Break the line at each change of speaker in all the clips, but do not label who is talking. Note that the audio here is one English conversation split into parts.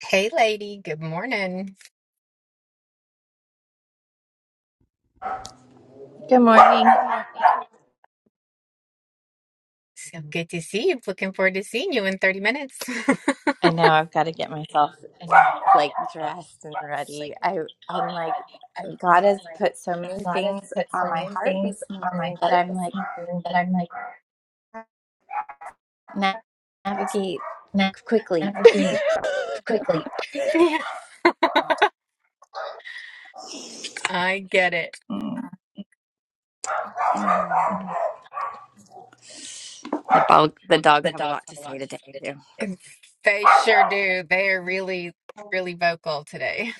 Hey, lady. Good morning.
Good morning.
Good morning. So good to see you. Looking forward to seeing you in 30 minutes.
I know I've got to get myself
And now I've got to
like
get myself
dressed and
sleepy.
ready. I I'm like God has
Like,
put so many things on my heart this
on my
morning that I'm like na- navigate quickly.
energy. Yeah. I get it.
Mm. The, bog- the dogs have a lot to say today too.
They sure do. They are really, really vocal today.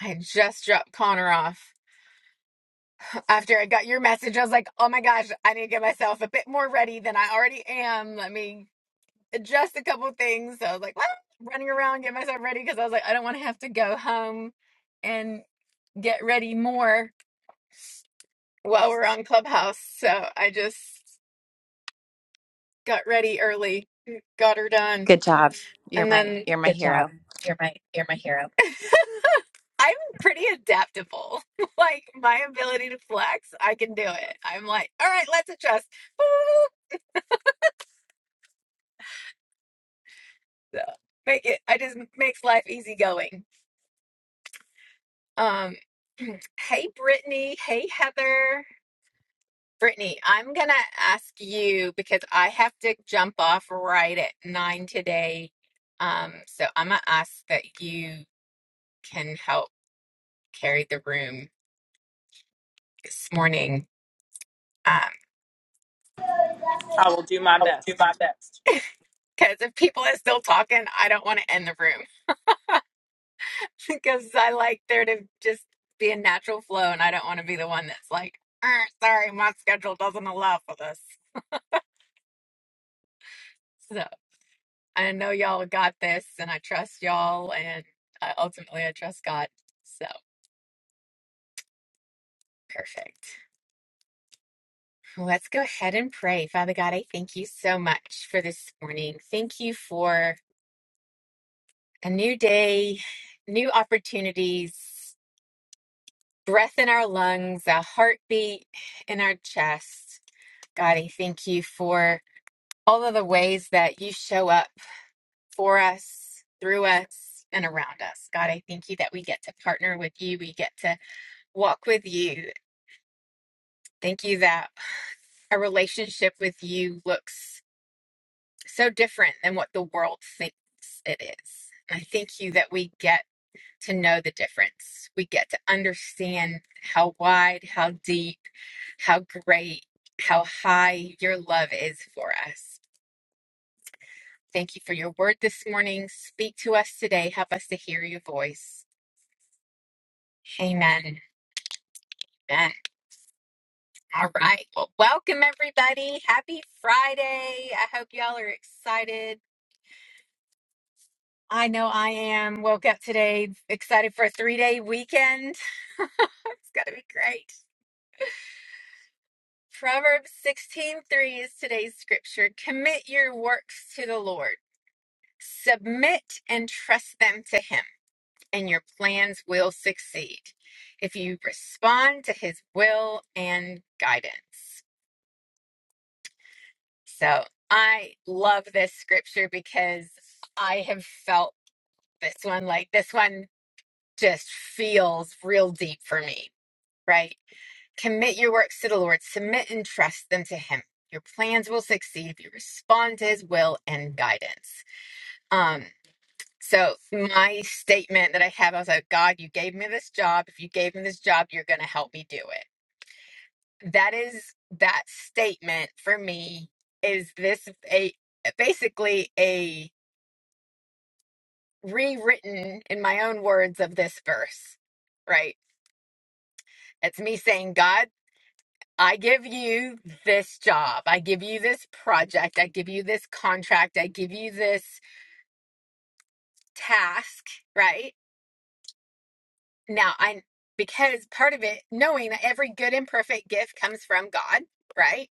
I just dropped Connor off. After I got your message, I was like, oh my gosh, I need to get myself a bit more ready than I already am. Let me Adjust a couple things. So I was like, what? running around, get myself ready because I was like, I don't want to have to go home and get ready more while we're on Clubhouse. So I just got ready early, got her done,
Good job. You're
and
my
then
you're my
Good job.
hero.
You're my you're my hero. I'm pretty adaptable. like my ability to flex, I can do it. I'm like, all right, let's adjust. Woo! So make it. I just makes life easy going. Um, hey, Brittany. Hey, Heather. Brittany, I'm gonna ask you because I have to jump off right at nine today. Um, so I'm gonna ask that you can help carry the room this morning. Um,
I will do my
I'll do my
best.
best. Because if people are still talking, I don't want to end the room because I like there to just be a natural flow, and I don't want to be the one that's like, "Er, sorry, my schedule doesn't allow for this. So, I know y'all got this, and I trust y'all, and I, ultimately, I trust God. So perfect. Let's go ahead and pray. Father God, I thank you so much for this morning. Thank you for a new day, new opportunities, breath in our lungs, a heartbeat in our chest. God, I thank you for all of the ways that you show up for us, through us, and around us. God, I thank you that we get to partner with you. We get to walk with you. Thank you that a relationship with you looks so different than what the world thinks it is. And I thank you that we get to know the difference. We get to understand how wide, how deep, how great, how high your love is for us. Thank you for your word this morning. Speak to us today. Help us to hear your voice. Amen. Amen. All right. Well, welcome everybody. Happy Friday. I hope y'all are excited I know I am. Woke up today excited for a three day weekend. It's going to be great. Proverbs 16 3 is today's scripture. Commit your works to the Lord, submit and trust them to Him, and your plans will succeed if you respond to His will and guidance. So I love this scripture because I have felt this one like this one just feels real deep for me right? Commit your works to the Lord, submit and trust them to Him. Your plans will succeed if you respond to His will and guidance. Um, so my statement that I have, I was like, God, you gave me this job. If you gave me this job, you're going to help me do it. That is that statement for me. Is this a basically a rewritten in my own words of this verse, right? It's me saying, God. I give you this job. I give you this project. I give you this contract. I give you this task, right? Now, I, because part of it, knowing that every good and perfect gift comes from God, right?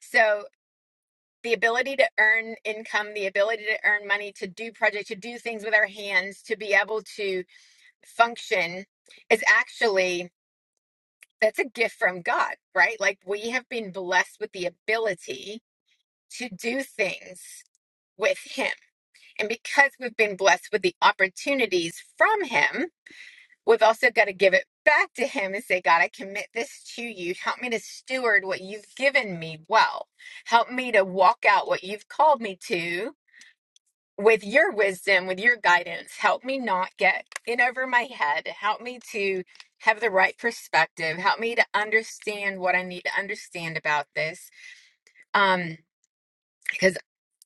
So the ability to earn income, the ability to earn money, to do projects, to do things with our hands, to be able to function is actually, that's a gift from God, right? Like we have been blessed with the ability to do things with Him. And because we've been blessed with the opportunities from Him, we've also got to give it back to Him and say, God, I commit this to you. Help me to steward what you've given me well. Help me to walk out what you've called me to with your wisdom, with your guidance. Help me not get in over my head. Help me to have the right perspective. Help me to understand what I need to understand about this. Um, because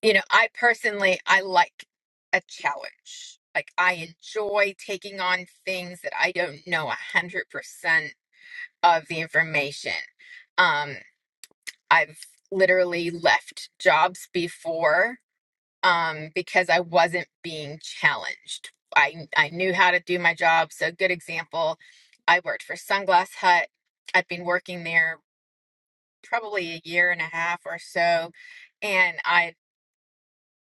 you know i personally i like a challenge like i enjoy taking on things that i don't know a 100% of the information um i've literally left jobs before um because i wasn't being challenged i i knew how to do my job so good example i worked for sunglass hut i'd been working there probably a year and a half or so and I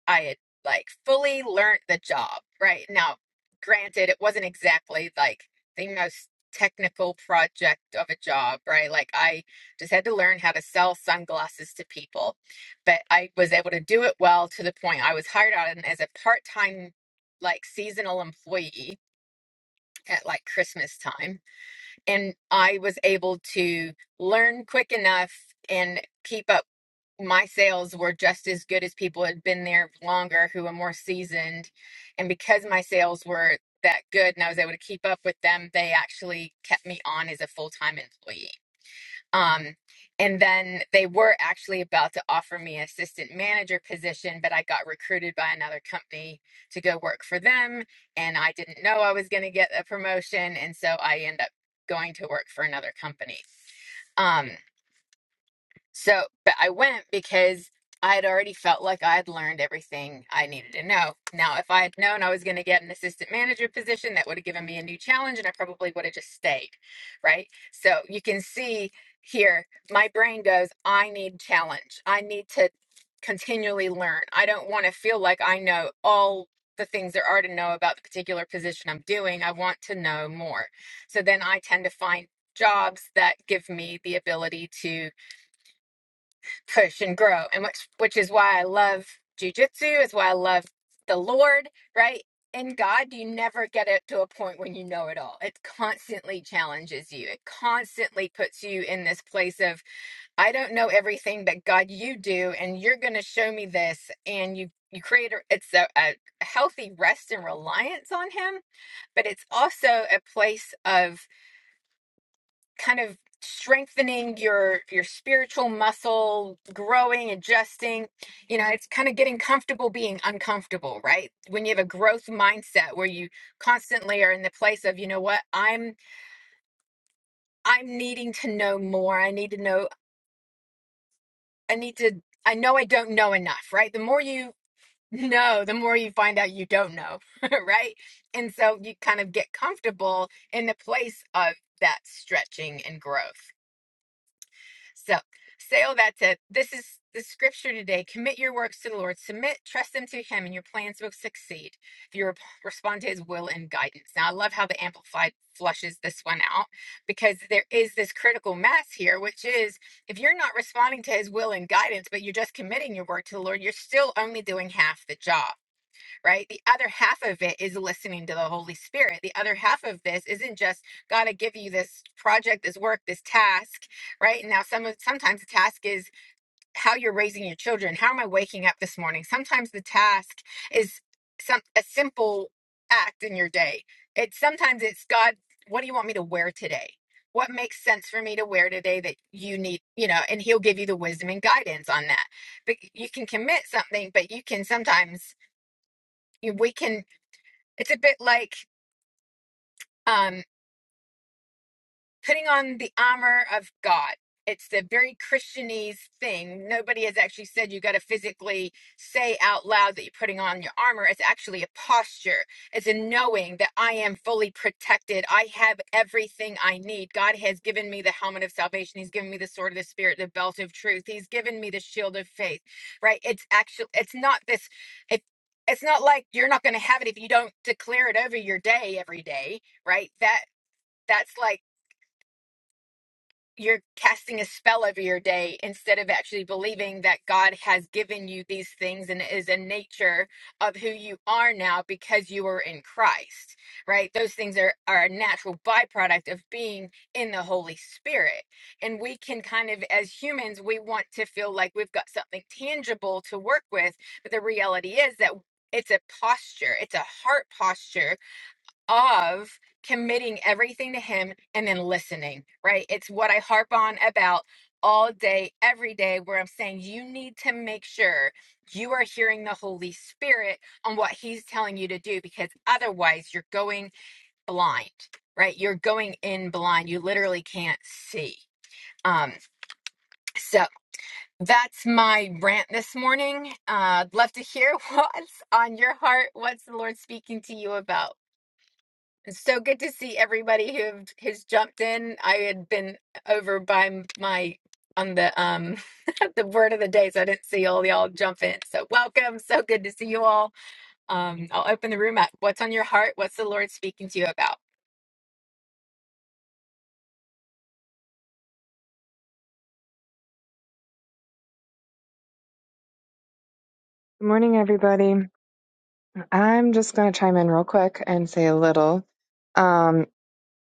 I had like fully learned the job, right? Now, granted, it wasn't exactly like the most technical project of a job, right? Like I just had to learn how to sell sunglasses to people, but I was able to do it well to the point I was hired on as a part-time, like seasonal employee at like Christmas time. And I was able to learn quick enough and keep up my sales were just as good as people who had been there longer who were more seasoned and because my sales were that good and i was able to keep up with them they actually kept me on as a full-time employee um, and then they were actually about to offer me an assistant manager position but i got recruited by another company to go work for them and i didn't know i was going to get a promotion and so i end up going to work for another company Um. So, but I went because I had already felt like I had learned everything I needed to know. Now, if I had known I was going to get an assistant manager position, that would have given me a new challenge and I probably would have just stayed. Right. So you can see here, my brain goes, I need challenge. I need to continually learn. I don't want to feel like I know all the things there are to know about the particular position I'm doing. I want to know more. So then I tend to find jobs that give me the ability to push and grow and which which is why i love jujitsu is why i love the lord right in god you never get it to a point when you know it all it constantly challenges you it constantly puts you in this place of i don't know everything but god you do and you're going to show me this and you you create a, it's a, a healthy rest and reliance on him but it's also a place of kind of strengthening your your spiritual muscle growing adjusting you know it's kind of getting comfortable being uncomfortable right when you have a growth mindset where you constantly are in the place of you know what i'm i'm needing to know more i need to know i need to i know i don't know enough right the more you know the more you find out you don't know right and so you kind of get comfortable in the place of that stretching and growth So, say all that's it. This is the scripture today. Commit your works to the Lord. Submit, trust them to Him, and your plans will succeed if you rep- respond to His will and guidance. Now, I love how the Amplified flushes this one out because there is this critical mass here, which is if you're not responding to His will and guidance, but you're just committing your work to the Lord, you're still only doing half the job right? The other half of it is listening to the Holy Spirit. The other half of this isn't just God I give you this project, this work, this task, right? Now some of sometimes the task is how you're raising your children. How am I waking up this morning? Sometimes the task is some a simple act in your day. It's sometimes it's God, what do you want me to wear today? What makes sense for me to wear today that you need, you know, and he'll give you the wisdom and guidance on that. But you can commit something, but you can sometimes you- we can it's a bit like um, putting on the armor of God. It's the very Christianese thing. Nobody has actually said you got to physically say out loud that you're putting on your armor. It's actually a posture. It's a knowing that I am fully protected. I have everything I need. God has given me the helmet of salvation. He's given me the sword of the spirit, the belt of truth. He's given me the shield of faith. Right? It's actually it's not this if it's not like you're not going to have it if you don't declare it over your day every day, right? That that's like you're casting a spell over your day instead of actually believing that God has given you these things and is a nature of who you are now because you are in Christ, right? Those things are, are a natural byproduct of being in the Holy Spirit. And we can kind of, as humans, we want to feel like we've got something tangible to work with. But the reality is that it's a posture, it's a heart posture of committing everything to Him and then listening, right? It's what I harp on about all day, every day, where I'm saying you need to make sure you are hearing the Holy Spirit on what He's telling you to do, because otherwise you're going blind, right? You're going in blind. You literally can't see. Um, so that's my rant this morning. Uh, I'd love to hear what's on your heart. What's the Lord speaking to you about? It's so good to see everybody who have, has jumped in. I had been over by m- my on the um the word of the day, so I didn't see all y'all jump in. So welcome, so good to see you all. Um, I'll open the room up. What's on your heart? What's the Lord speaking to you about?
Good morning, everybody. I'm just going to chime in real quick and say a little. Um,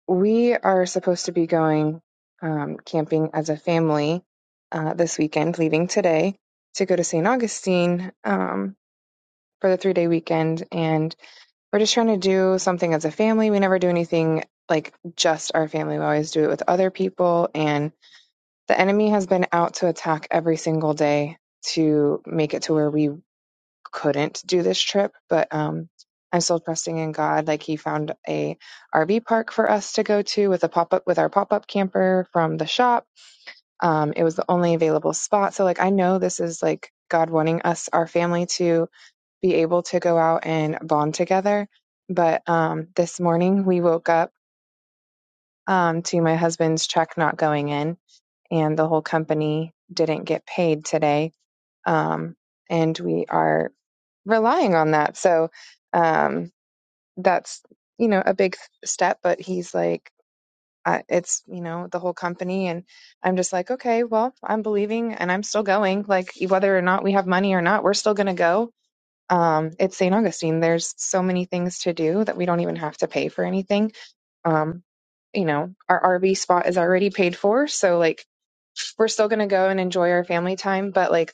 we are supposed to be going um, camping as a family uh, this weekend, leaving today to go to St. Augustine um, for the three day weekend. And we're just trying to do something as a family. We never do anything like just our family, we always do it with other people. And the enemy has been out to attack every single day to make it to where we couldn't do this trip, but um, I'm still trusting in God. Like He found a RV park for us to go to with a pop up with our pop up camper from the shop. Um, it was the only available spot, so like I know this is like God wanting us, our family, to be able to go out and bond together. But um, this morning we woke up um, to my husband's check not going in, and the whole company didn't get paid today. Um, and we are relying on that. So um, that's you know a big step. But he's like, I, it's you know the whole company, and I'm just like, okay, well, I'm believing, and I'm still going. Like e, whether or not we have money or not, we're still going to go. Um, it's St. Augustine. There's so many things to do that we don't even have to pay for anything um, you know, our RV spot is already paid for, so like we're still going to go and enjoy our family time, but like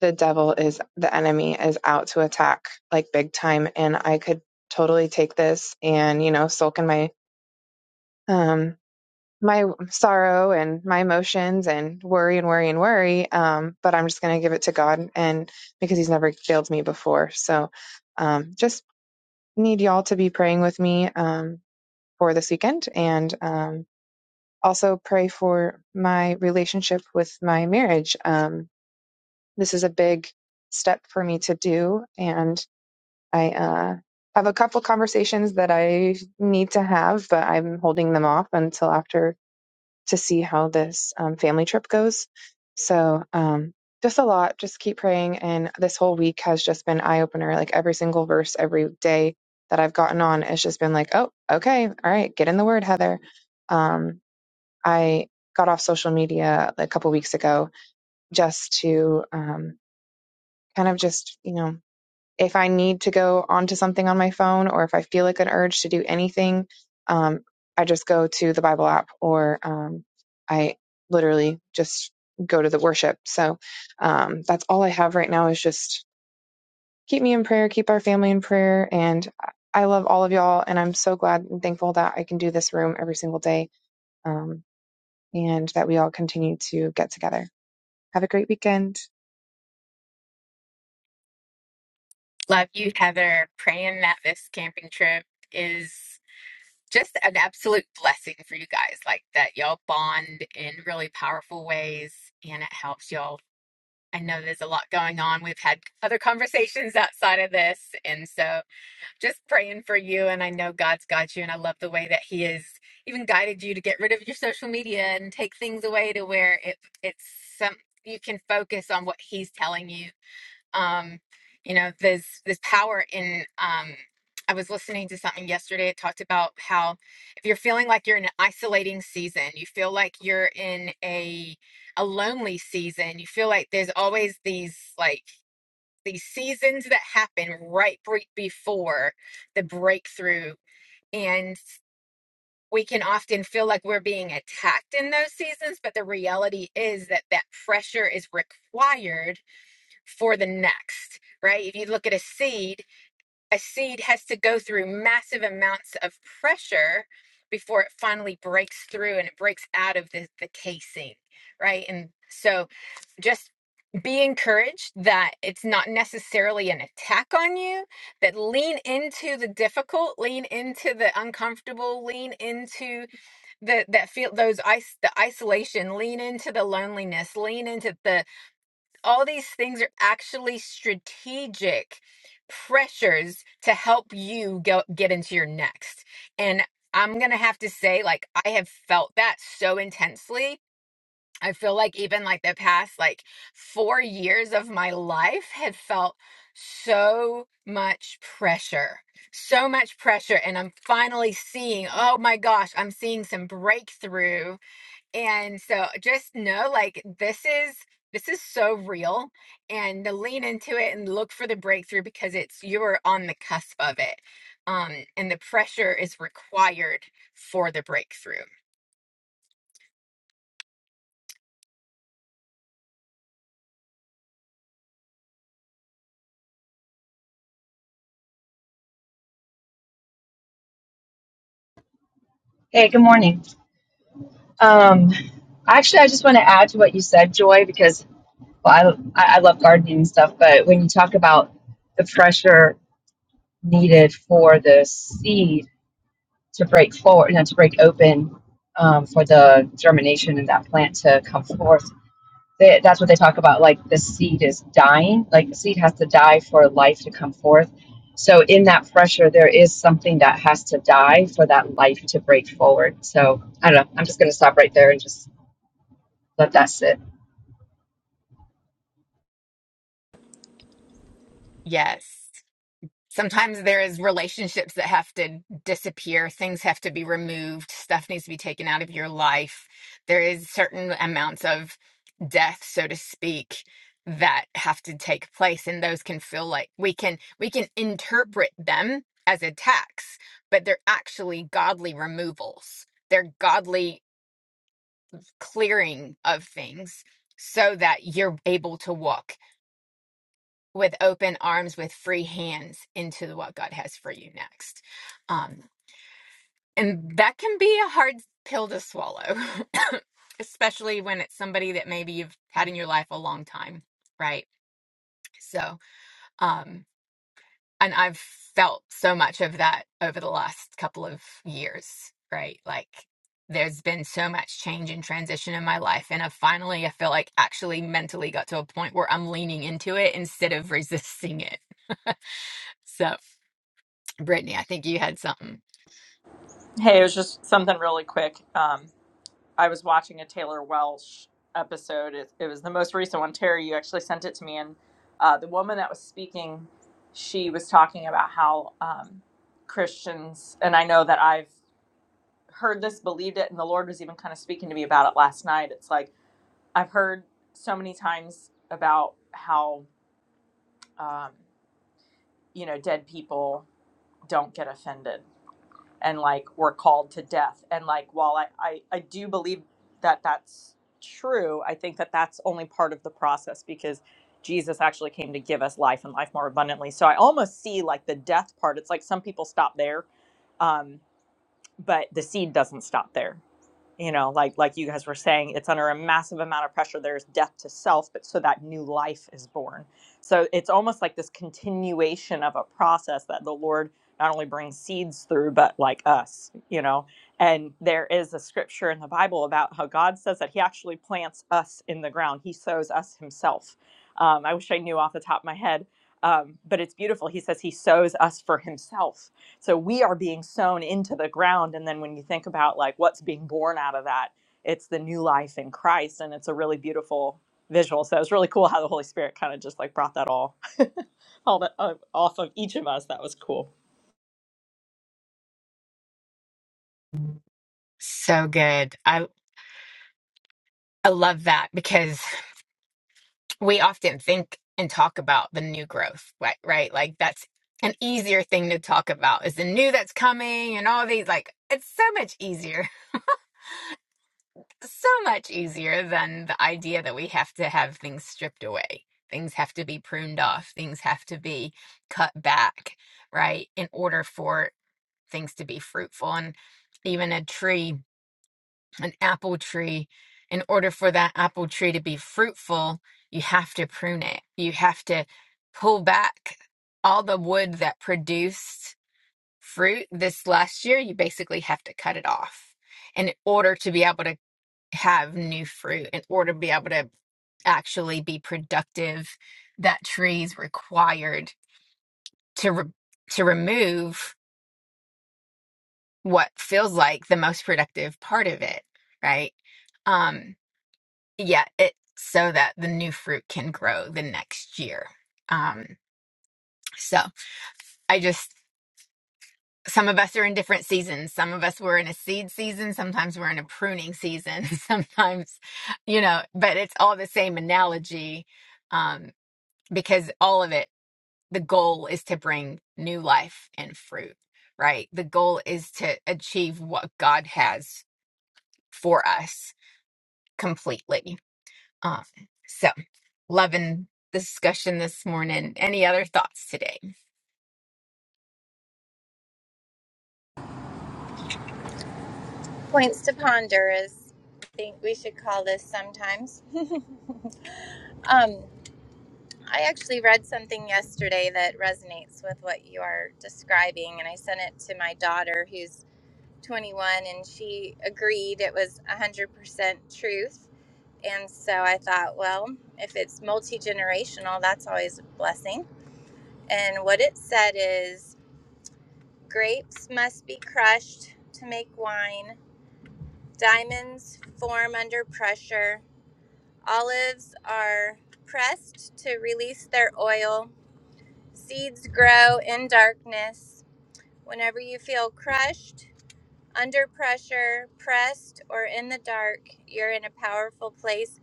the devil is the enemy is out to attack like big time and I could totally take this and you know sulk in my um my sorrow and my emotions and worry and worry and worry um but I'm just going to give it to God and because he's never failed me before. So um just need y'all to be praying with me um for this weekend and um also pray for my relationship with my marriage. Um, this is a big step for me to do, and I uh, have a couple conversations that I need to have, but I'm holding them off until after to see how this um, family trip goes. So, um, just a lot. Just keep praying, and this whole week has just been eye opener. Like every single verse, every day that I've gotten on, it's just been like, oh, okay, all right, get in the word, Heather. Um, I got off social media a couple weeks ago just to um, kind of just, you know, if I need to go onto something on my phone or if I feel like an urge to do anything, um, I just go to the Bible app or um, I literally just go to the worship. So um, that's all I have right now is just keep me in prayer, keep our family in prayer. And I love all of y'all. And I'm so glad and thankful that I can do this room every single day um, and that we all continue to get together. Have a great weekend.
Love you, Heather. Praying that this camping trip is just an absolute blessing for you guys. Like that y'all bond in really powerful ways, and it helps y'all I know there's a lot going on. We've had other conversations outside of this. And so just praying for you. And I know God's got you. And I love the way that He has even guided you to get rid of your social media and take things away to where it it's some you can focus on what He's telling you um you know there's this power in um i was listening to something yesterday it talked about how if you're feeling like you're in an isolating season you feel like you're in a a lonely season you feel like there's always these like these seasons that happen right bre- before the breakthrough and we can often feel like we're being attacked in those seasons but the reality is that that pressure is required for the next, right? If you look at a seed, a seed has to go through massive amounts of pressure before it finally breaks through and it breaks out of the, the casing, right? And so just be encouraged that it's not necessarily an attack on you, that lean into the difficult, lean into the uncomfortable, lean into the that feel those ice the isolation, lean into the loneliness, lean into the all these things are actually strategic pressures to help you go get into your next and i'm gonna have to say like i have felt that so intensely i feel like even like the past like four years of my life had felt so much pressure so much pressure and i'm finally seeing oh my gosh i'm seeing some breakthrough and so just know like this is this is so real and to lean into it and look for the breakthrough because it's you're on the cusp of it. Um and the pressure is required for the breakthrough.
Hey, good morning. Um, actually, I just want to add to what you said, Joy, because well, I, I love gardening and stuff, but when you talk about the pressure needed for the seed to break forward, you know, to break open um, for the germination and that plant to come forth, they, that's what they talk about. Like the seed is dying, like the seed has to die for life to come forth. So, in that pressure, there is something that has to die for that life to break forward. So, I don't know. I'm just going to stop right there and just but that's it.
Yes. sometimes there is relationships that have to disappear things have to be removed stuff needs to be taken out of your life there is certain amounts of death so to speak that have to take place and those can feel like we can we can interpret them as attacks but they're actually godly removals they're godly clearing of things so that you're able to walk with open arms, with free hands into the- what God has for you next. Um, and that can be a hard pill to swallow, especially when it's somebody that maybe you've had in your life a long time, right? So, um, and I've felt so much of that over the last couple of years, right? Like, there's been so much change and transition in my life. And I finally, I feel like actually mentally got to a point where I'm leaning into it instead of resisting it. So, Brittany, I think you had something
Hey, it was just something really quick. Um, I was watching a Taylor Welsh episode. It, it was the most recent one. Terry, you actually sent it to me, and uh, the woman that was speaking, she was talking about how um, Christians, and I know that I've heard this, believed it, and the Lord was even kind of speaking to me about it last night. It's like I've heard so many times about how um, you know dead people don't get offended and like were called to death. And like, while I, I, I do believe that that's true, I think that that's only part of the process because Jesus actually came to give us life and life more abundantly. So I almost see like the death part. It's like some people stop there, um, but the seed doesn't stop there you know like like you guys were saying it's under a massive amount of pressure there's death to self but so that new life is born so it's almost like this continuation of a process that the lord not only brings seeds through but like us you know and there is a scripture in the bible about how god says that he actually plants us in the ground he sows us himself um, i wish i knew off the top of my head um, but it's beautiful he says he sows us for himself so we are being sown into the ground. And then when you think about like what's being born out of that, it's the new life in Christ. And it's a really beautiful visual. So it's really cool how the Holy Spirit kind of just like brought that all, all the, uh, off of each of us. That was cool.
so good. I I love that because we often think and talk about the new growth, right? Right? Like that's an easier thing to talk about is the new that's coming and all these like it's so much easier. So much easier than the idea that we have to have things stripped away. Things have to be pruned off, things have to be cut back, right? In order for things to be fruitful and even a tree an apple tree, in order for that apple tree to be fruitful, you have to prune it. You have to pull back all the wood that produced fruit this last year. You basically have to cut it off in order to be able to have new fruit, in order to be able to actually be productive. That tree is required to re- to remove what feels like the most productive part of it, right? Um, yeah, it so that the new fruit can grow the next year. Um, so I just some of us are in different seasons. Some of us were in a seed season, sometimes we're in a pruning season, sometimes, you know, but it's all the same analogy um, because all of it, the goal is to bring new life and fruit, right? The goal is to achieve what God has for us completely Um, so, loving the discussion this morning. Any other thoughts today?
Points to ponder is I think we should call this sometimes. Um, I actually read something yesterday that resonates with what you are describing, and I sent it to my daughter, 21 and she agreed it was 100% truth. And so I thought, well, if it's multi generational, that's always a blessing. And what it said is grapes must be crushed to make wine, diamonds form under pressure, olives are pressed to release their oil, seeds grow in darkness. Whenever you feel crushed, Under pressure, pressed, or in the dark, you're in a powerful place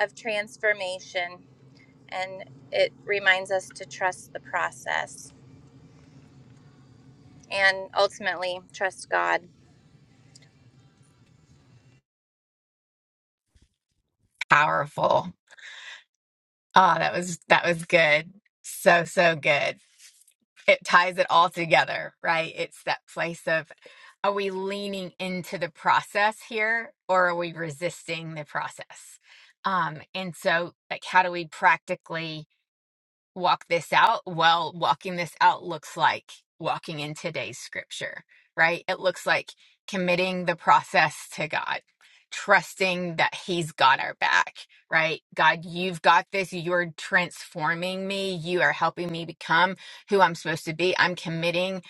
of transformation. And it reminds us to trust the process and ultimately trust God.
Powerful. Oh, that was that was good. So so good. it ties it all together, right? It's that place of are we leaning into the process here or are we resisting the process? Um, and so, like, how do we practically? walk this out? Well, walking this out looks like walking in today's scripture, right? It looks like committing the process to God, trusting that He's got our back, right? God, you've got this. You're transforming me. You are helping me become who I'm supposed to be. I'm committing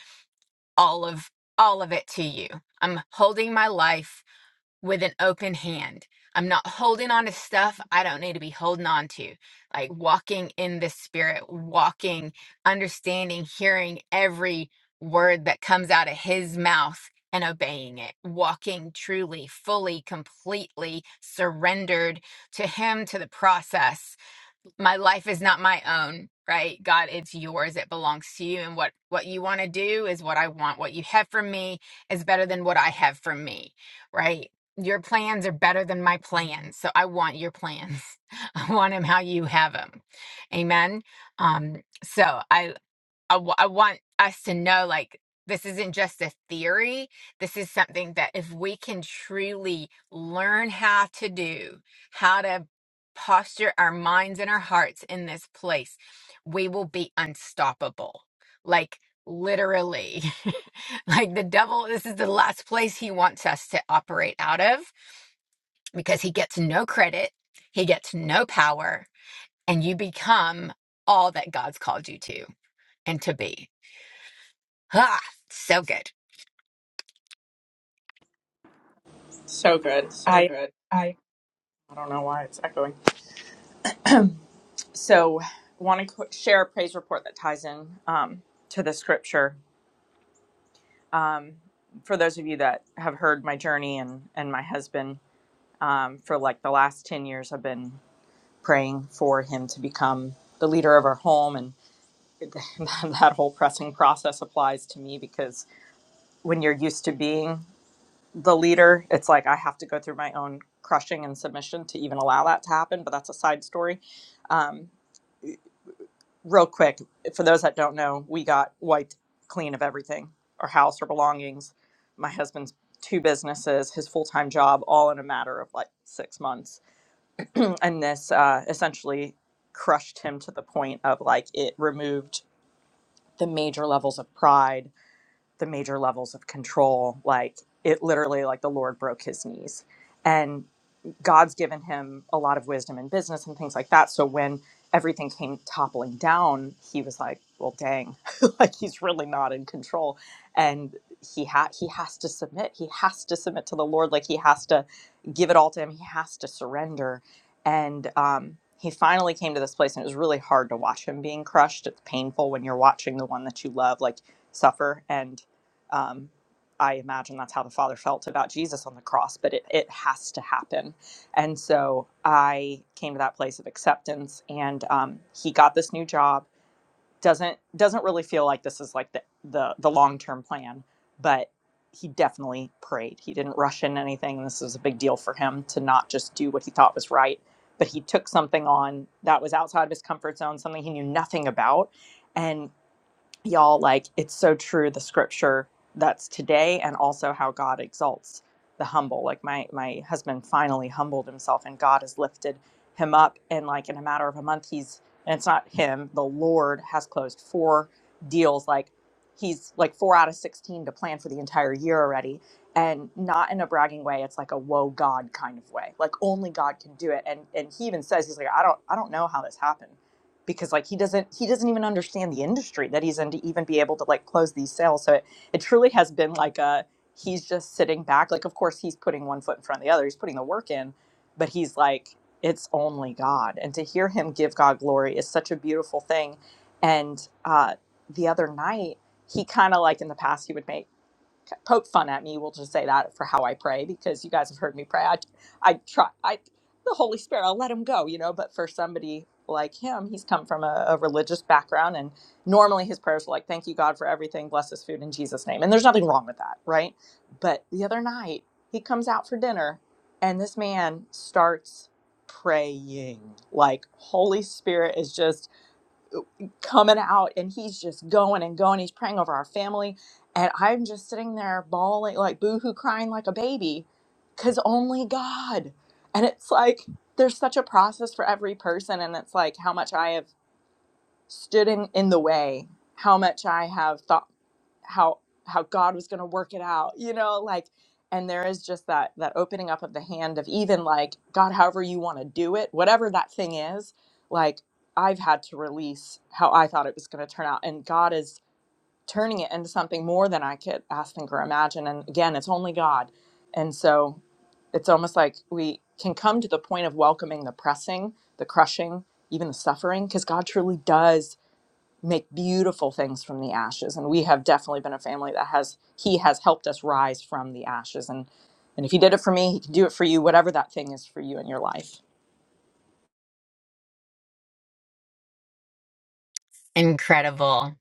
all of all of it to you. I'm holding my life with an open hand. I'm not holding on to stuff I don't need to be holding on to. Like walking in the spirit, walking, understanding, hearing every word that comes out of his mouth and obeying it. Walking truly, fully, completely surrendered to him, to the process my life is not my own right god it's yours it belongs to you and what what you want to do is what i want what you have for me is better than what i have for me right your plans are better than my plans so i want your plans i want them how you have them amen um so i I w- I want us to know like this isn't just a theory. This is something that if we can truly learn how to do, how to posture our minds and our hearts in this place, we will be unstoppable. Like literally, like the devil, this is the last place he wants us to operate out of because he gets no credit, he gets no power, and you become all that God's called you to and to be. Ah, so good.
So good.
So
I,
good. I
I don't know why it's echoing. So want to share a praise report that ties in um, to the scripture. Um, for those of you that have heard my journey and, and my husband, um, for like the last 10 years, I've been praying for him to become the leader of our home. And that whole pressing process applies to me because when you're used to being the leader, it's like I have to go through my own crushing and submission to even allow that to happen. But that's a side story. Um, real quick, for those that don't know, we got wiped clean of everything our house, our belongings, my husband's two businesses, his full time job, all in a matter of like six months and this uh, essentially crushed him to the point of like it removed the major levels of pride the major levels of control like it literally like the lord broke his knees and God's given him a lot of wisdom in business and things like that. So when everything came toppling down, he was like, "Well, dang, like he's really not in control," and he ha- he has to submit. He has to submit to the Lord. Like he has to give it all to him. He has to surrender. And um, he finally came to this place, and it was really hard to watch him being crushed. It's painful when you're watching the one that you love like suffer and. Um, I imagine that's how the Father felt about Jesus on the cross, but it, it has to happen and so I came to that place of acceptance, and um, he got this new job. doesn't Doesn't really feel like this is like the the, the long term plan, but he definitely prayed. He didn't rush in anything. This was a big deal for him to not just do what he thought was right, but he took something on that was outside of his comfort zone, something he knew nothing about, and y'all like it's so true the scripture that's today and also how god exalts the humble like my my husband finally humbled himself and god has lifted him up and like in a matter of a month he's and it's not him the lord has closed four deals like he's like four out of 16 to plan for the entire year already and not in a bragging way it's like a whoa god kind of way like only god can do it and and he even says he's like i don't i don't know how this happened because like he doesn't he doesn't even understand the industry that he's in to even be able to like close these sales so it, it truly has been like a he's just sitting back like of course he's putting one foot in front of the other he's putting the work in but he's like it's only god and to hear him give god glory is such a beautiful thing and uh the other night he kind of like in the past he would make poke fun at me. We'll just say that for how I pray because you guys have heard me pray. I, I try. I the Holy Spirit. I'll let him go, you know. But for somebody like him, he's come from a, a religious background, and normally his prayers are like, "Thank you, God, for everything. Bless this food in Jesus' name." And there's nothing wrong with that, right? But the other night, he comes out for dinner, and this man starts praying like Holy Spirit is just coming out and he's just going and going. He's praying over our family. And I'm just sitting there bawling, like boohoo crying like a baby because only God. And it's like there's such a process for every person. And it's like how much I have stood in, in the way how much i have thought how how god was going to work it out you know like and there is just that that opening up of the hand of even like god however you want to do it whatever that thing is like i've had to release how i thought it was going to turn out and god is turning it into something more than i could ask think or imagine and again it's only god and so it's almost like we can come to the point of welcoming the pressing the crushing even the suffering because god truly does make beautiful things from the ashes and we have definitely been a family that has he has helped us rise from the ashes and and if he did it for me he can do it for you whatever that thing is for you in your life
Incredible.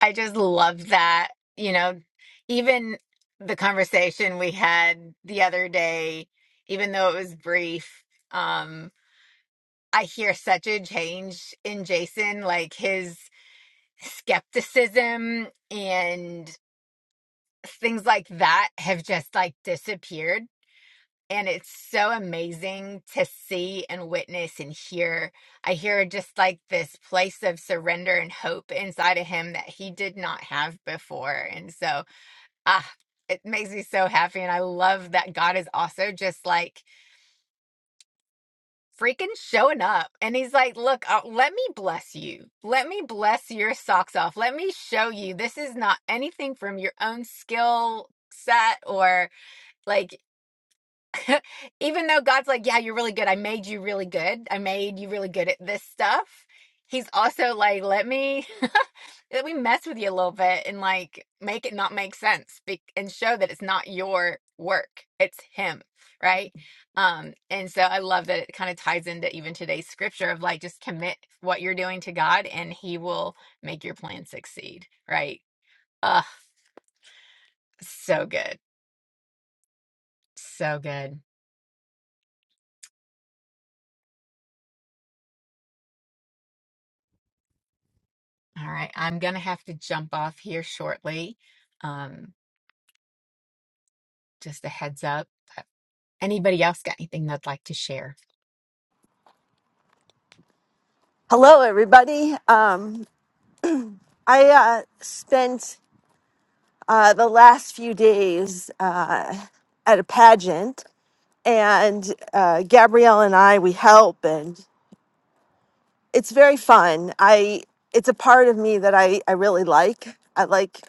I just love that. You know, even the conversation we had the other day, even though it was brief, um, I hear such a change in Jason, like his skepticism and things like that have just like disappeared And it's so amazing to see and witness and hear. I hear just like this place of surrender and hope inside of him that he did not have before. And so, ah, it makes me so happy. And I love that God is also just like freaking showing up. And he's like, look, uh, let me bless you. Let me bless your socks off. Let me show you this is not anything from your own skill set or like even though God's like, yeah, you're really good. I made you really good. I made you really good at this stuff. He's also like, let me let me mess with you a little bit and like make it not make sense be- and show that it's not your work. It's him, right? Um and so I love that it kind of ties into even today's scripture of like just commit what you're doing to God and he will make your plan succeed, right? Ugh, so good. So good. All right, I'm gonna have to jump off here shortly. Um, just a heads up. But Anybody else got anything they'd like to share?
Hello, everybody. Um, I uh, spent uh, the last few days uh, at a pageant, and uh, Gabrielle and I we help, and it's very fun. I it's a part of me that I I really like. I like.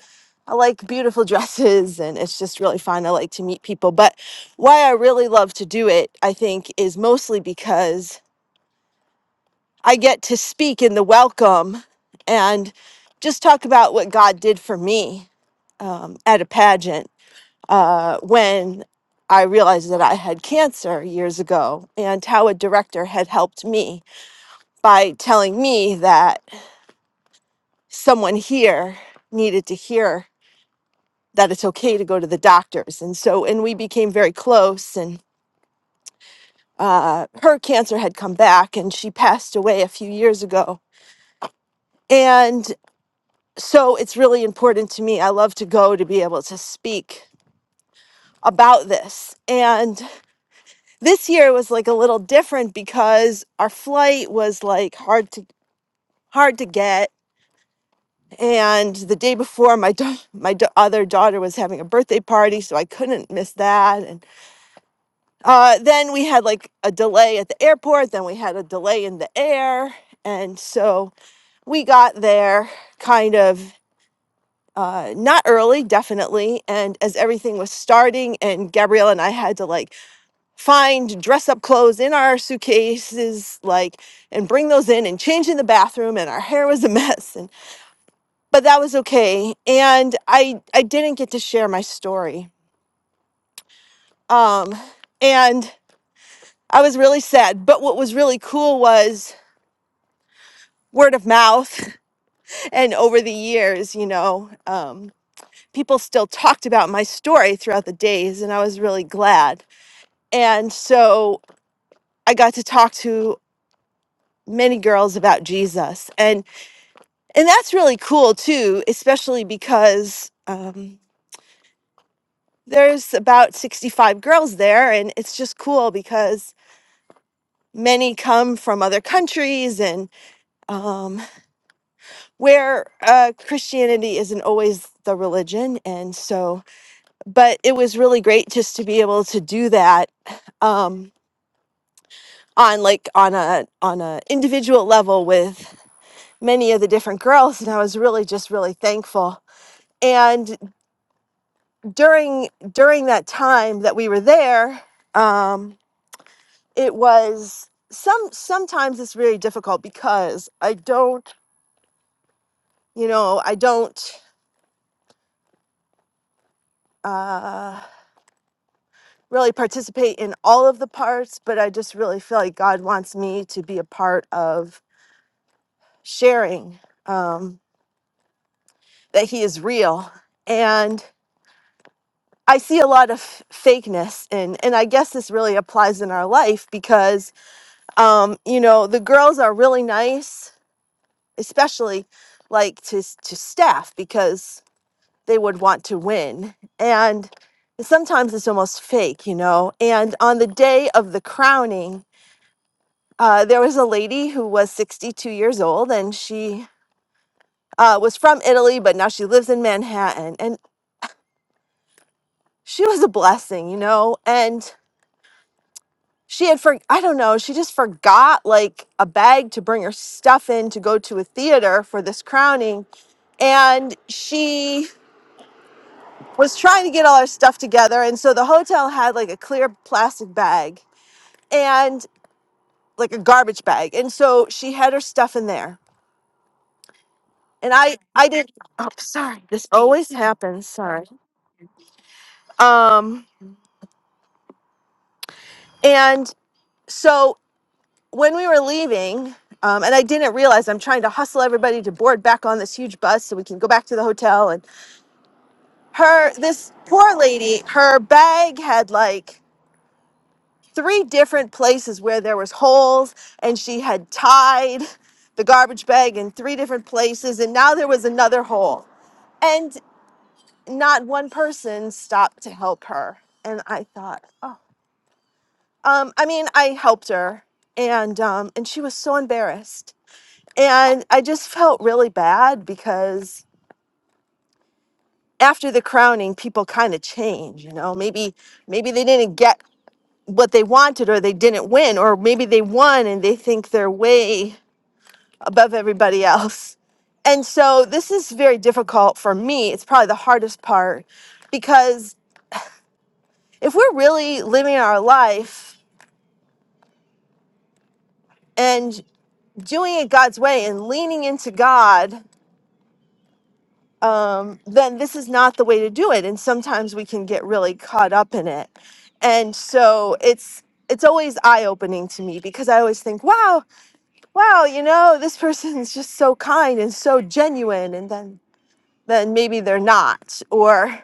I like beautiful dresses and it's just really fun. I like to meet people. But why I really love to do it, I think, is mostly because I get to speak in the welcome and just talk about what God did for me um, at a pageant uh, when I realized that I had cancer years ago and how a director had helped me by telling me that someone here needed to hear that it's okay to go to the doctors. And so, and we became very close and uh, her cancer had come back and she passed away a few years ago. and. so it's really important to me. I love to go to be able to speak about this. And this year was like a little different because our flight was like hard to hard to get and the day before my da- my da- other daughter was having a birthday party so I couldn't miss that and uh, then we had like a delay at the airport then we had a delay in the air and so we got there kind of uh, not early, definitely. And as everything was starting, and Gabrielle and I had to like find dress up clothes in our suitcases, like, and bring those in and change in the bathroom, and our hair was a mess. And but that was okay. And I I didn't get to share my story. Um, and I was really sad. But what was really cool was word of mouth, and over the years, you know, um, people still talked about my story throughout the days, and I was really glad. and so i got to talk to many girls about jesus and and that's really cool too especially because um, there's about 65 girls there and it's just cool because many come from other countries and um, where uh, christianity isn't always the religion and so but it was really great just to be able to do that um, on like on a on a individual level with many of the different girls and I was really just really thankful. And during during that time that we were there, um it was some sometimes it's very difficult because I don't, you know, I don't uh really participate in all of the parts, but I just really feel like God wants me to be a part of sharing um that he is real. and. I see a lot of fakeness and and I guess this really applies in our life because um you know the girls are really nice especially like to s- to staff because they would want to win and sometimes it's almost fake you know and on the day of the crowning uh there was a lady who was 62 years old and she uh was from Italy but now she lives in Manhattan and she was a blessing you know and she had for I don't know, she just forgot like a bag to bring her stuff in to go to a theater for this crowning and she was trying to get all her stuff together and so the hotel had like a clear plastic bag and like a garbage bag and so she had her stuff in there. And I I didn't Oh, sorry. This always happens. Sorry. Um and so when we were leaving, um, and I didn't realize I'm trying to hustle everybody to board back on this huge bus so we can go back to the hotel. And her, this poor lady, her bag had like three different places where there was holes, and she had tied the garbage bag in three different places, and now there was another hole, and not one person stopped to help her. And I thought, oh, um, I mean, I helped her, and um, and she was so embarrassed And I just felt really bad because after the crowning, people kind of change, you know. Maybe maybe they didn't get what they wanted or they didn't win, or maybe they won and they think they're way above everybody else. And so this is very difficult for me. It's probably the hardest part because if we're really living our life and doing it God's way and leaning into God um, then this is not the way to do it. And sometimes we can get really caught up in it. And so it's it's always eye opening to me because I always think, wow, wow, you know, this person's just so kind and so genuine, and then then maybe they're not. Or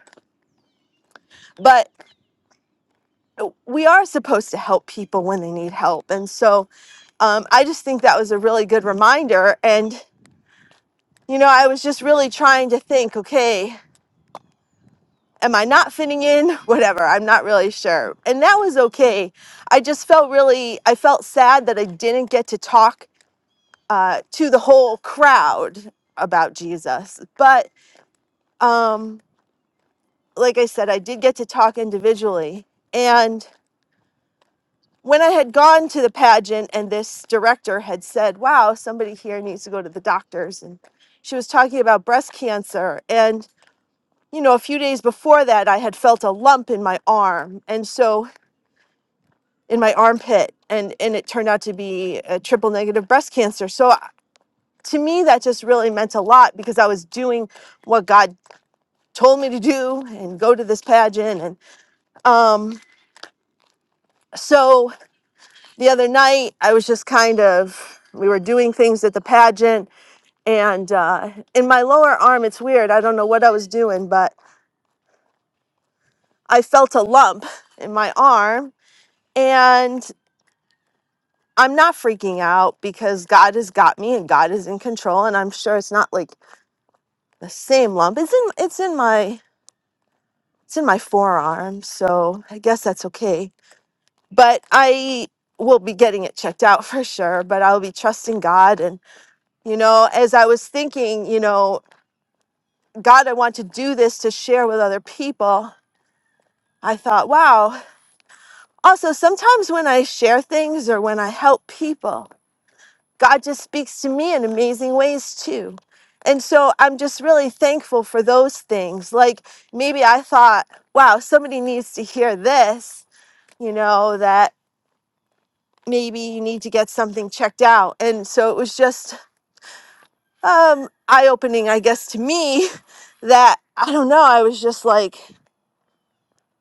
but we are supposed to help people when they need help. And so um, I just think that was a really good reminder. And you know, I was just really trying to think, okay, am I not fitting in? Whatever. I'm not really sure. And that was okay. I just felt really, I felt sad that I didn't get to talk uh, to the whole crowd about Jesus. But um, like I said, I did get to talk individually. And when I had gone to the pageant and this director had said, wow, somebody here needs to go to the doctors. And she was talking about breast cancer. And you know, a few days before that, I had felt a lump in my arm. And so in my armpit and and it turned out to be a triple negative breast cancer so I- to me that just really meant a lot because i was doing what god told me to do and go to this pageant and um so the other night i was just kind of we were doing things at the pageant and uh, in my lower arm it's weird i don't know what i was doing but i felt a lump in my arm and I'm not freaking out because God has got me and God is in control. And I'm sure it's not like the same lump. It's in it's in my it's in my forearm, so I guess that's okay. But I will be getting it checked out for sure, but I'll be trusting God and you know, as I was thinking, you know, God, I want to do this to share with other people. I thought, wow. Also, sometimes when I share things or when I help people, God just speaks to me in amazing ways too. And so I'm just really thankful for those things. Like maybe I thought, wow, somebody needs to hear this, you know, that maybe you need to get something checked out. And so it was just um eye opening, I guess, to me that I don't know, I was just like,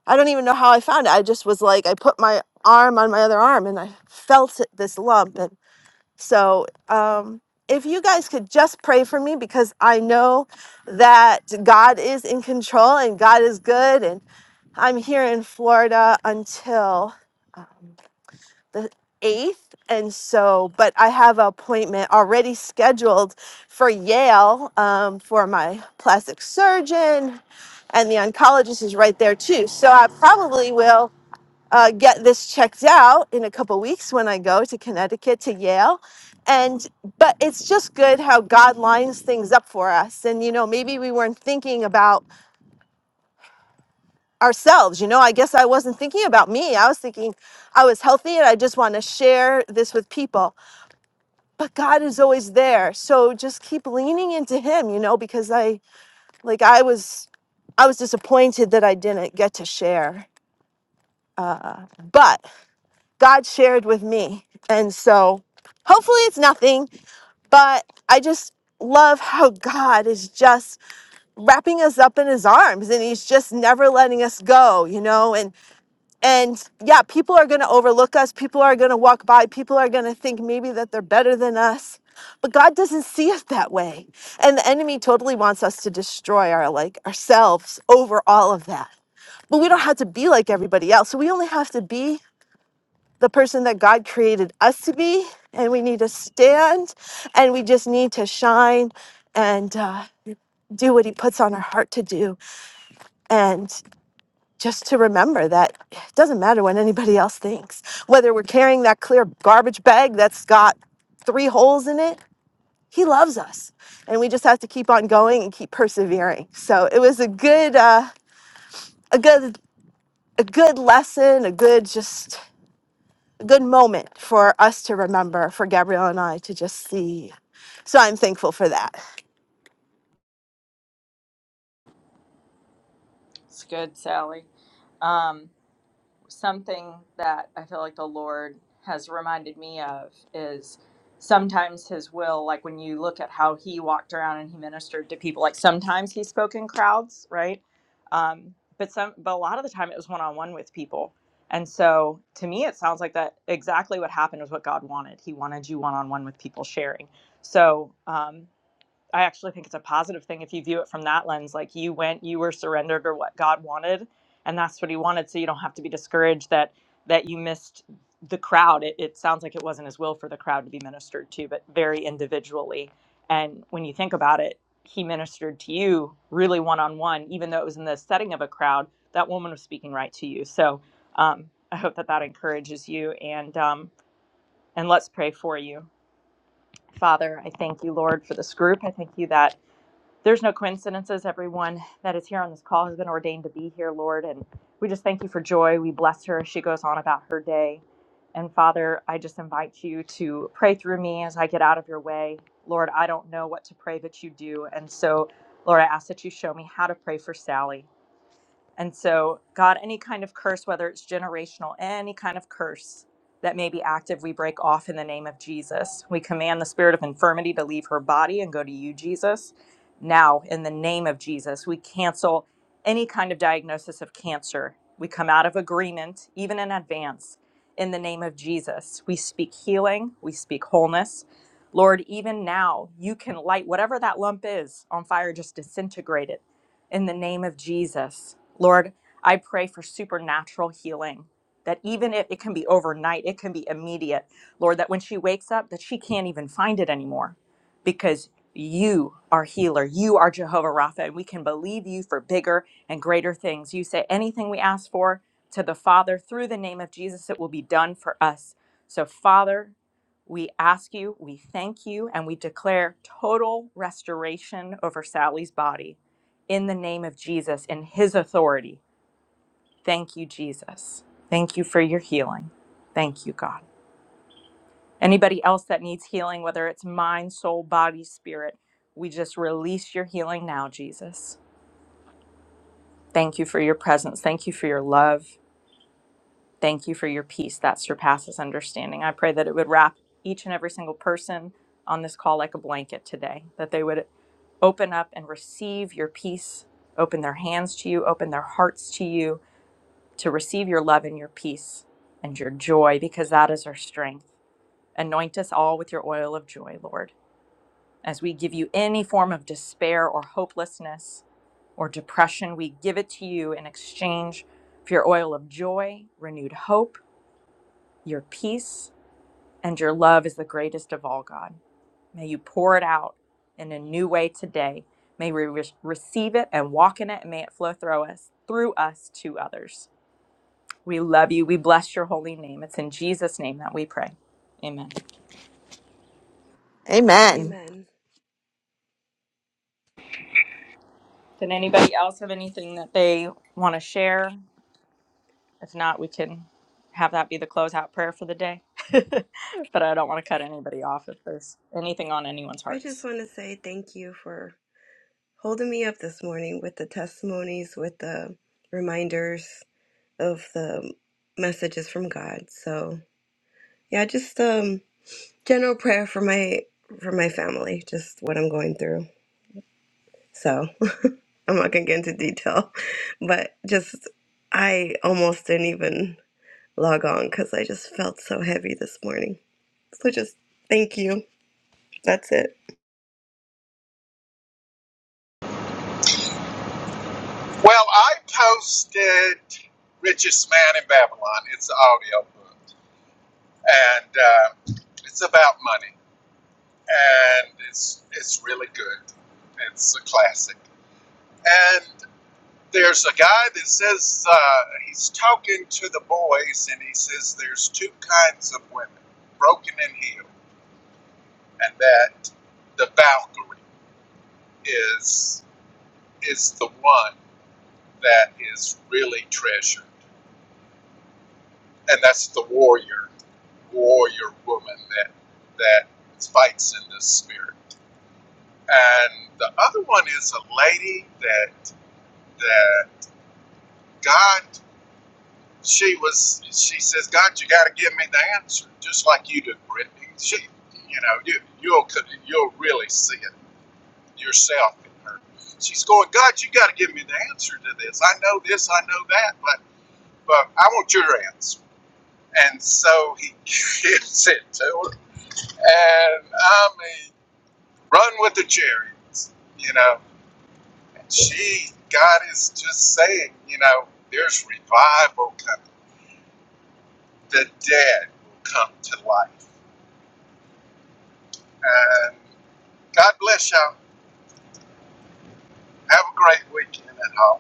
I don't even know how I found it. I just was like, I put my arm on my other arm and I felt it, this lump. and. So, um, if you guys could just pray for me because I know that God is in control and God is good. And I'm here in Florida until uh, the 8th. And so, but I have an appointment already scheduled for Yale um, for my plastic surgeon, and the oncologist is right there too. So, I probably will uh, get this checked out in a couple weeks when I go to Connecticut to Yale. And but it's just good how God lines things up for us. And you know, maybe we weren't thinking about ourselves. You know, I guess I wasn't thinking about me. I was thinking I was healthy and I just want to share this with people. But God is always there. So just keep leaning into him, you know, because I like I was I was disappointed that I didn't get to share. but. God shared with me. And so hopefully it's nothing, but I just love how God is just wrapping us up in his arms and he's just never letting us go, you know? And and yeah, people are going to overlook us, people are going to walk by, people are going to think maybe that they're better than us. But God doesn't see us that way. And the enemy totally wants us to destroy our like ourselves over all of that. But we don't have to be like everybody else. So We only have to be the person that God created us to be, and we need to stand, and we just need to shine and uh, do what He puts on our heart to do, and just to remember that it doesn't matter what anybody else thinks, whether we're carrying that clear garbage bag that's got three holes in it. He loves us, and we just have to keep on going and keep persevering. So it was a good, uh, a good, a good lesson, a good just. A good moment for us to remember, for Gabrielle and I to just see. So I'm thankful for that.
it's good sally um something that I feel like the Lord has reminded me of is sometimes his will, like when you look at how he walked around and he ministered to people, like sometimes he spoke in crowds, right? Um, but some, but a lot of the time it was one on one with people. And so to me, it sounds like that exactly what happened was what God wanted. He wanted you one on one with people sharing. So, um, I actually think it's a positive thing if you view it from that lens. Like you went, you were surrendered to what God wanted, and that's what He wanted. So you don't have to be discouraged that that you missed the crowd. It, it sounds like it wasn't His will for the crowd to be ministered to, but very individually. And when you think about it, He ministered to you really one on one, even though it was in the setting of a crowd. That woman was speaking right to you. So um, I hope that that encourages you. And um, and let's pray for you, Father. I thank you, Lord, for this group. I thank you that. There's no coincidences. Everyone that is here on this call has been ordained to be here, Lord. And we just thank you for joy. We bless her as she goes on about her day. And Father, I just invite you to pray through me as I get out of your way. Lord, I don't know what to pray, but you do. And so, Lord, I ask that you show me how to pray for Sally. And so, God, any kind of curse, whether it's generational, any kind of curse that may be active, we break off in the name of Jesus. We command the spirit of infirmity to leave her body and go to you, Jesus. Now, in the name of Jesus, we cancel any kind of diagnosis of cancer. We come out of agreement, even in advance, in the name of Jesus. We speak healing, we speak wholeness. Lord, even now, you can light whatever that lump is on fire, just disintegrate it in the name of Jesus. Lord, I pray for supernatural healing. That even if it can be overnight, it can be immediate. Lord, that when she wakes up, that she can't even find it anymore because you are healer. You are Jehovah Rapha, and we can believe you for bigger and greater things. You say anything we ask for to the Father through the name of Jesus, it will be done for us. So, Father, we ask you, we thank you, and we declare total restoration over Sally's body in the name of Jesus, in his authority. Thank you, Jesus. Thank you for your healing. Thank you, God. Anybody else that needs healing, whether it's mind, soul, body, spirit, we just release your healing now, Jesus. Thank you for your presence. Thank you for your love. Thank you for your peace that surpasses understanding. I pray that it would wrap each and every single person on this call like a blanket today, that they would open up and receive your peace, open their hands to you, open their hearts to you, to receive your love and your peace and your joy, because that is our strength. Anoint us all with your oil of joy, Lord. As we give you any form of despair or hopelessness or depression, we give it to you in exchange for your oil of joy, renewed hope, your peace, and your love is the greatest of all, God. May you pour it out in a new way today. May we re- receive it and walk in it, and may it flow through us, through us to others. We love you. We bless your holy name. It's in Jesus' name that we pray. Amen.
Amen.
Amen.
Did anybody else have anything that they want to share? If not, we can have that be the closeout prayer for the day. but I don't want to cut anybody off if there's anything on anyone's
I just
hearts.
want to say thank you for holding me up this morning with the testimonies, with the reminders of the messages from God. So, yeah, just um general prayer for my for my family, just what I'm going through. So, I'm not going to get into detail, but just I almost didn't even log on cuz I just felt so heavy this morning. So just thank you. That's it.
Well, I posted Richest Man in Babylon. It's an audio book, and uh, it's about money, and it's it's really good. It's a classic. And there's a guy that says uh, he's talking to the boys, and he says there's two kinds of women, broken and healed, and that the Valkyrie is is the one that is really treasured and that's the warrior, warrior woman that that fights in this spirit. And the other one is a lady that that God. She was. She says, God, you got to give me the answer, just like you did, Brittany. She, you know, you you'll you'll really see it yourself in her. She's going, God, you got to give me the answer to this. I know this, I know that, but but I want your answer. And so he gives it to her and I mean, run with the chariots, you know. she, God is just saying, you know, there's revival coming. The dead will come to life. And God bless y'all. Have a great weekend at home.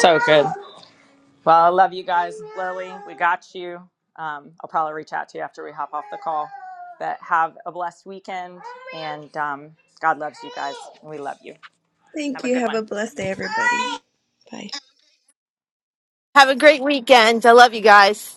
So good. Well, I love you guys, Lily. We got you. Um, I'll probably reach out to you after we hop off the call. But have a blessed weekend, and um, God loves you guys. and We love you.
Thank
Have a
you.
good
Have
one.
a blessed day everybody. Bye.
Have a great weekend. I love you guys.